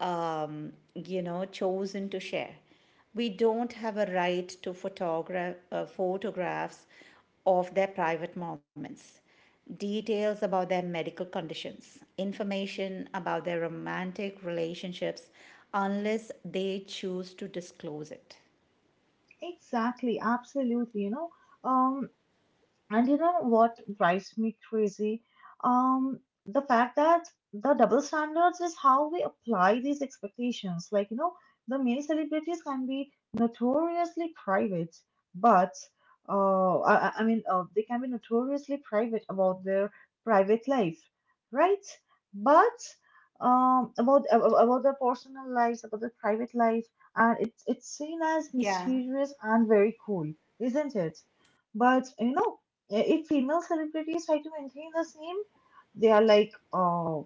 S2: you know, chosen to share. We don't have a right to photographs of their private moments, details about their medical conditions, information about their romantic relationships, unless they choose to disclose it.
S1: Exactly, absolutely, you know. Um And you know what drives me crazy? Um, the fact that the double standards is how we apply these expectations. Like, you know, the male celebrities can be notoriously private, but I mean, they can be notoriously private about their private life, right? But about their personal lives, about their private life, and it's seen as
S2: yeah
S1: mysterious and very cool, isn't it? But you know. If female celebrities try to maintain the same, they are like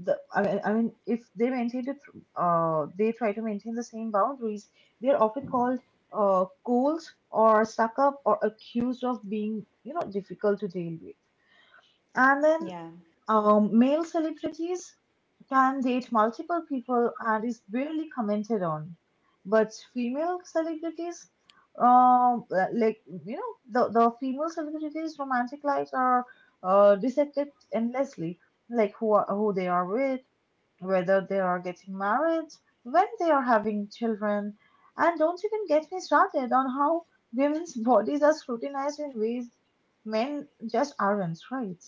S1: the I mean if they maintain it they try to maintain the same boundaries, they are often called cold or suck up, or accused of being, you know, difficult to deal with. And then
S2: yeah
S1: male celebrities can date multiple people and is barely commented on. But female celebrities, um, uh, like you know, the female celebrities' romantic lives are dissected endlessly, like who they are with, whether they are getting married, when they are having children. And don't even get me started on how women's (laughs) bodies are scrutinized in ways men just aren't, right?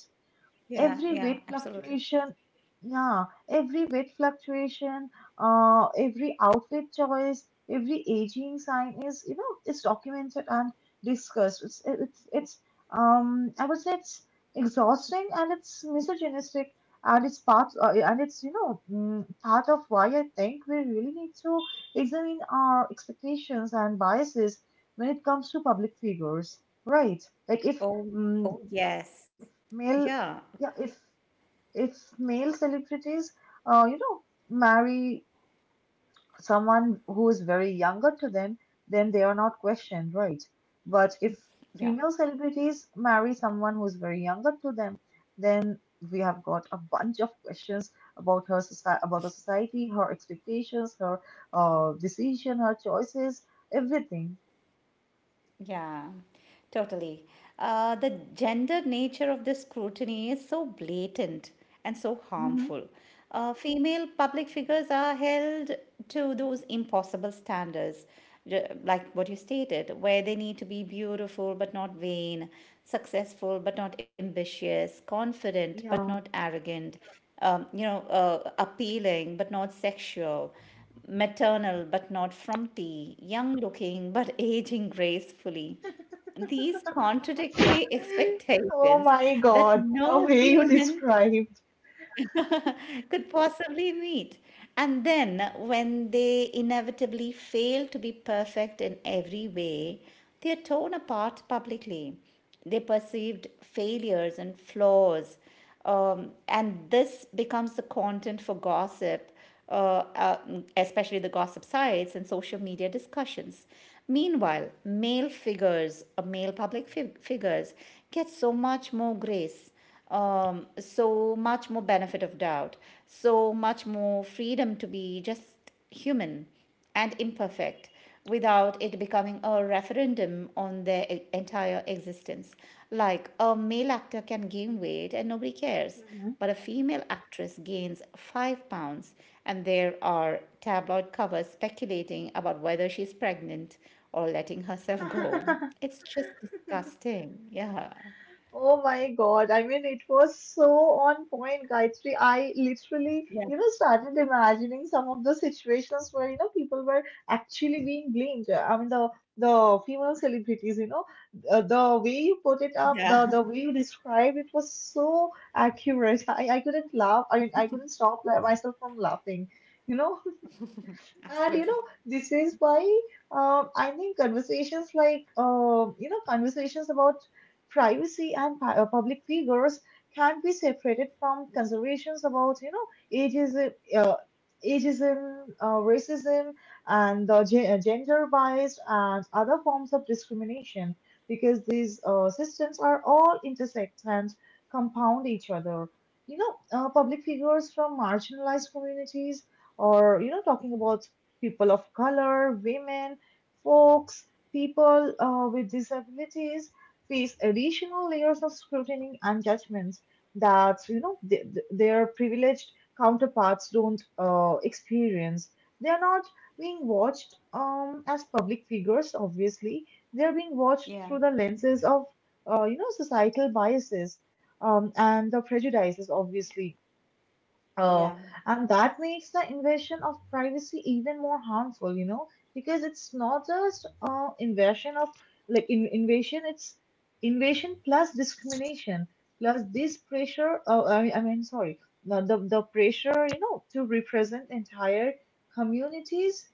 S2: yeah
S1: Every
S2: yeah
S1: weight
S2: Absolutely.
S1: fluctuation, yeah, every weight fluctuation, every outfit choice, every aging sign is, you know, is documented and discussed. It's I would say it's exhausting and it's misogynistic, and it's part and it's, you know, part of why I think we really need to examine our expectations and biases when it comes to public figures, right? Like if
S2: Oh,
S1: mm,
S2: oh yes.
S1: male,
S2: Yeah,
S1: yeah, if it's male celebrities, uh, you know, marry someone who is very younger to them, then they are not questioned, right? But if
S2: yeah,
S1: female celebrities marry someone who is very younger to them, then we have got a bunch of questions about the society, her expectations, her decision, her choices, everything.
S2: yeah, totally. The gender nature of this scrutiny is so blatant and so
S1: hmm
S2: harmful. Female public figures are held to those impossible standards, like what you stated, where they need to be beautiful but not vain, successful but not ambitious, confident but not
S1: Yeah.
S2: arrogant, appealing but not sexual, maternal but not frumpy, young looking but aging gracefully. These contradictory (laughs)
S1: (laughs) Oh
S2: expectations
S1: my
S2: that
S1: God, the
S2: no
S1: way you
S2: human
S1: describe.
S2: (laughs) could possibly meet. And then, when they inevitably fail to be perfect in every way, they are torn apart publicly. They perceived failures and flaws, and this becomes the content for gossip, uh, uh, especially the gossip sites and social media discussions. Meanwhile, male public figures, get so much more grace, so much more benefit of doubt, so much more freedom to be just human and imperfect without it becoming a referendum on their entire existence. Like a male actor can gain weight and nobody cares,
S1: Mhm.
S2: but a female actress gains 5 pounds, and there are tabloid covers speculating about whether she's pregnant or letting herself go.
S1: (laughs)
S2: It's just disgusting. Yeah.
S1: Oh my God. I mean, it was so on point, Gayatri. I literally, you know, started imagining some of the situations where, you know, people were actually being blamed. I mean, the female celebrities, you know, the way you put it up,
S2: Yeah.
S1: the way you described it was so accurate. (laughs) I couldn't laugh. I couldn't stop myself from laughing, you know.
S2: (laughs)
S1: And you
S2: absolutely.
S1: know, this is why I think conversations like, conversations about privacy and public figures can't be separated from considerations about, you know, ageism, racism, and gender-biased and other forms of discrimination, because these systems are all intersect and compound each other. You know, public figures from marginalized communities, or talking about people of color, women, folks, people with disabilities, face additional layers of scrutiny and judgments that, their privileged counterparts don't experience. They are not being watched as public figures, obviously. They are being watched
S2: Yeah,
S1: through the lenses of societal biases and the prejudices, obviously.
S2: yeah.
S1: Oh, and that makes the invasion of privacy even more harmful, because it's not just invasion of like invasion, it's invasion plus discrimination plus this pressure. Oh, sorry, no, the pressure, to represent entire communities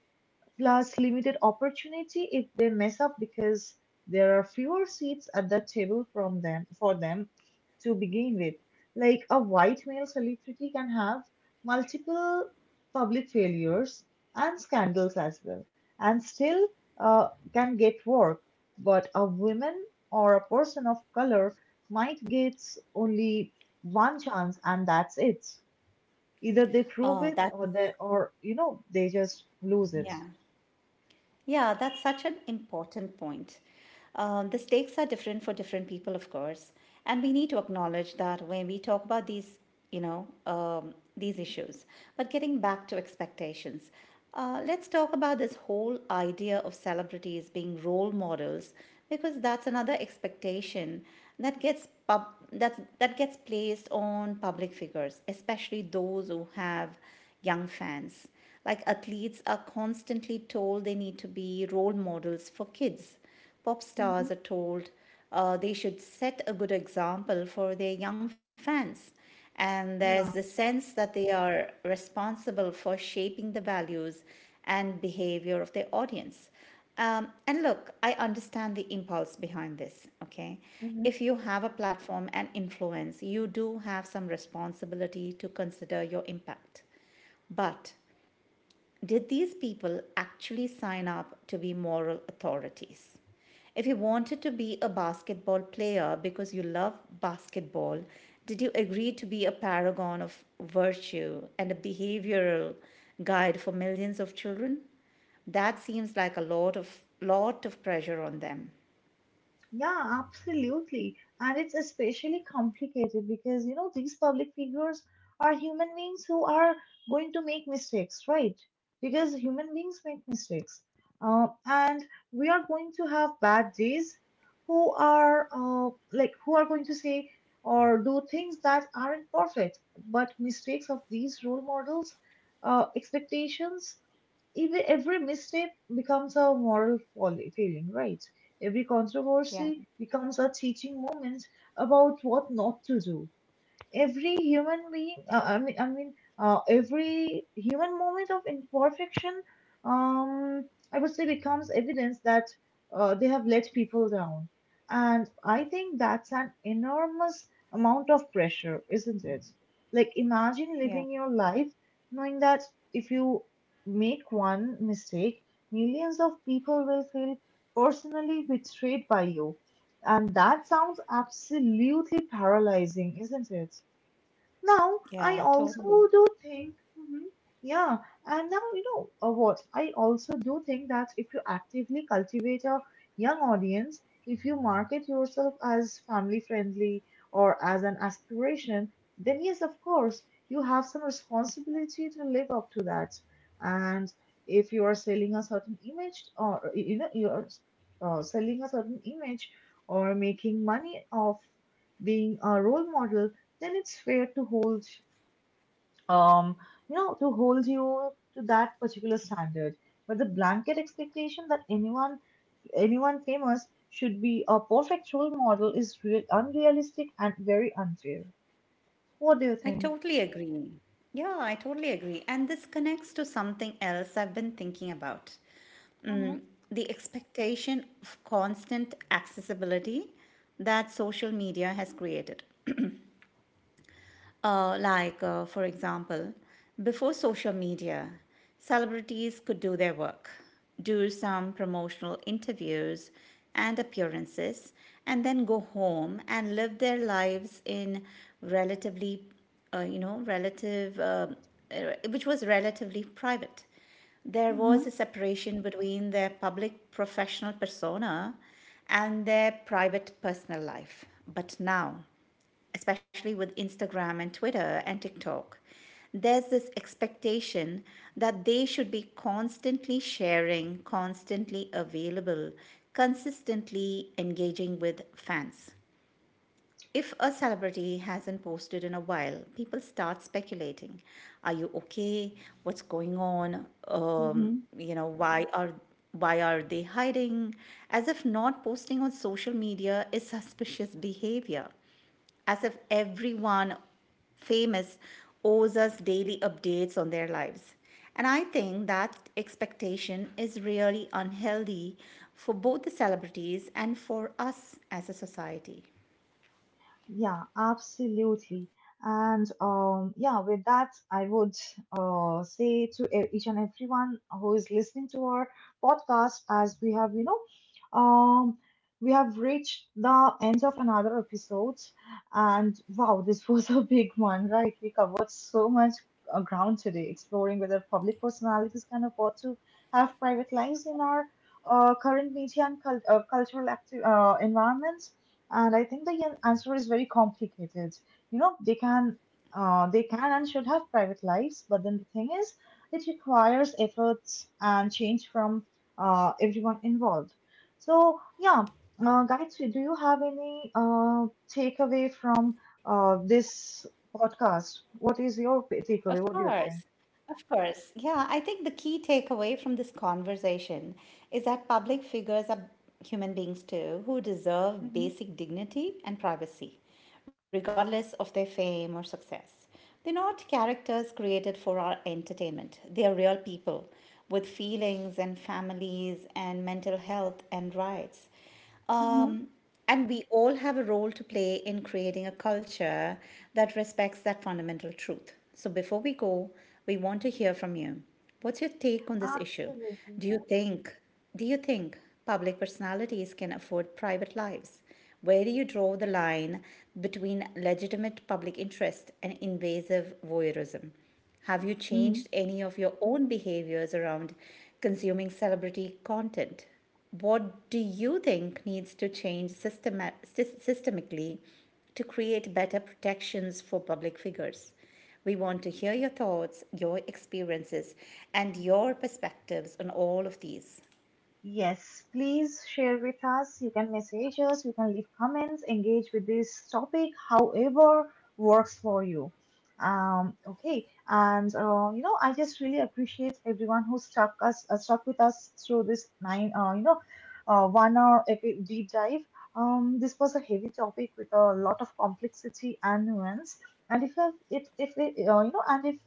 S1: plus limited opportunity if they mess up because there are fewer seats at the table from them for them to begin with. Like a white male celebrity can have multiple public failures and scandals as well, and still can get work. But a woman or a person of color might get only one chance, and that's it. Either they prove
S2: Oh,
S1: it,
S2: that
S1: or
S2: is,
S1: they, or you know, they just lose it.
S2: yeah. Yeah, that's such an important point. The stakes are different for different people, of course, and we need to acknowledge that when we talk about these, you know, these issues. But getting back to expectations, let's talk about this whole idea of celebrities being role models, because that's another expectation that gets pub that gets placed on public figures, especially those who have young fans. Like athletes are constantly told they need to be role models for kids. Pop stars
S1: Mhm.
S2: are told they should set a good example for their young fans. And there's
S1: Yeah,
S2: the sense that they are responsible for shaping the values and behavior of their audience. And look, I understand the impulse behind this, okay?
S1: mhm.
S2: If you have a platform and influence, you do have some responsibility to consider your impact. But did these people actually sign up to be moral authorities? If you wanted to be a basketball player because you love basketball, did you agree to be a paragon of virtue and a behavioral guide for millions of children? That seems like a lot of pressure on them.
S1: Yeah, absolutely. And it's especially complicated because, you know, these public figures are human beings who are going to make mistakes, right? Because human beings make mistakes. And we are going to have bad days, who are like who are going to say or do things that aren't perfect. But mistakes of these role models, expectations, every mistake becomes a moral folly, failing, right? Every
S2: Yeah,
S1: controversy becomes a teaching moment about what not to do. Every human being, every human moment of imperfection, um I would say becomes evidence that they have let people down. And I think that's an enormous amount of pressure, isn't it? Like imagine
S2: yeah,
S1: living your life knowing that if you make one mistake, millions of people will feel personally betrayed by you. And that sounds absolutely paralyzing, isn't it? Now, I
S2: yeah,
S1: also
S2: totally.
S1: do think, mhm, yeah, and now you know what? I also do think that if you actively cultivate a young audience, if you market yourself as family friendly or as an aspiration, then yes, of course, you have some responsibility to live up to that. And if you are selling a certain image, or you know, you're selling a certain image or making money off being a role model, then it's fair to hold um you know, to hold you to that particular standard. But the blanket expectation that anyone, anyone famous, should be a perfect role model is real unrealistic and very unfair. What do you
S2: I
S1: think?
S2: totally agree. Yeah, I totally agree. And this connects to something else I've been thinking about:
S1: Hmm.
S2: the expectation of constant accessibility that social media has created. For example, before social media, celebrities could do their work, do some promotional interviews and appearances, and then go home and live their lives in relatively, you know, relative, which was relatively private. There
S1: Hmm.
S2: was a separation between their public professional persona and their private personal life. But now, especially with Instagram and Twitter and TikTok, there's this expectation that they should be constantly sharing, constantly available, consistently engaging with fans. If a celebrity hasn't posted in a while, people start speculating. Are you okay? What's going on?
S1: Hmm.
S2: Why are they hiding? As if not posting on social media is suspicious behavior, as if everyone famous owes us daily updates on their lives. And I think that expectation is really unhealthy for both the celebrities and for us as a society.
S1: Yeah, absolutely. And yeah, with that, I would say to each and everyone who is listening to our podcast, as we have, we have reached the end of another episode. And wow, this (laughs) was a big one, right? We covered so much ground today, exploring whether public personalities can afford to have private lives in our current media and cultural active environment. And I think the answer is very complicated. You know, they can and should have private lives, but then the thing is, it requires efforts and change from everyone involved. So yeah, Gayatri, do you have any takeaway from this podcast? What is your
S2: Of
S1: takeaway? What do you
S2: course.
S1: think?
S2: Of course. Yeah, I think the key takeaway from this conversation is that public figures are human beings too who deserve
S1: Mm-hmm.
S2: basic dignity and privacy, regardless of their fame or success. They're not characters created for our entertainment, they are real people with feelings and families and mental health and rights.
S1: Mm-hmm.
S2: Um, and we all have a role to play in creating a culture that respects that fundamental truth. So before we go, we want to hear from you. What's your take on this issue?
S1: Absolutely.
S2: Do you think do you think public personalities can afford private lives? Where do you draw the line between legitimate public interest and invasive voyeurism? Have you
S1: Mhm.
S2: changed any of your own behaviors around consuming celebrity content? What do you think needs to change systemically to create better protections for public figures? We want to hear your thoughts, your experiences, and your perspectives on all of these.
S1: Yes, please share with us. You can message us, you can leave comments, engage with this topic, however works for you. Okay, and I just really appreciate everyone who stuck with us through this nine, 1 hour deep dive. This was a heavy topic with a lot of complexity and nuance. And if you- if it, you know, and if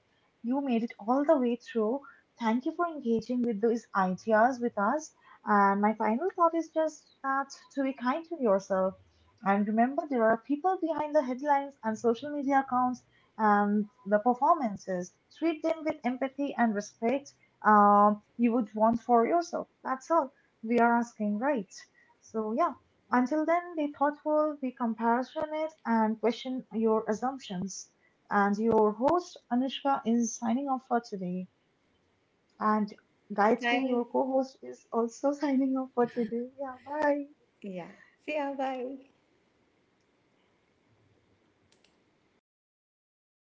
S1: you made it all the way through, thank you for engaging with those ideas with us. And my final thought is just that to be kind to yourself. And remember, there are people behind the headlines and social media accounts and the performances. Treat them with empathy and respect you would want for yourself. That's all we are asking, right? So, yeah, until then, be thoughtful, be compassionate, and question your assumptions. And your host, Anushka, is signing off for today. And Gayatri,
S2: Bye.
S1: your co host, is also (laughs) signing off for today. Yeah, bye.
S2: Yeah. See ya. Bye.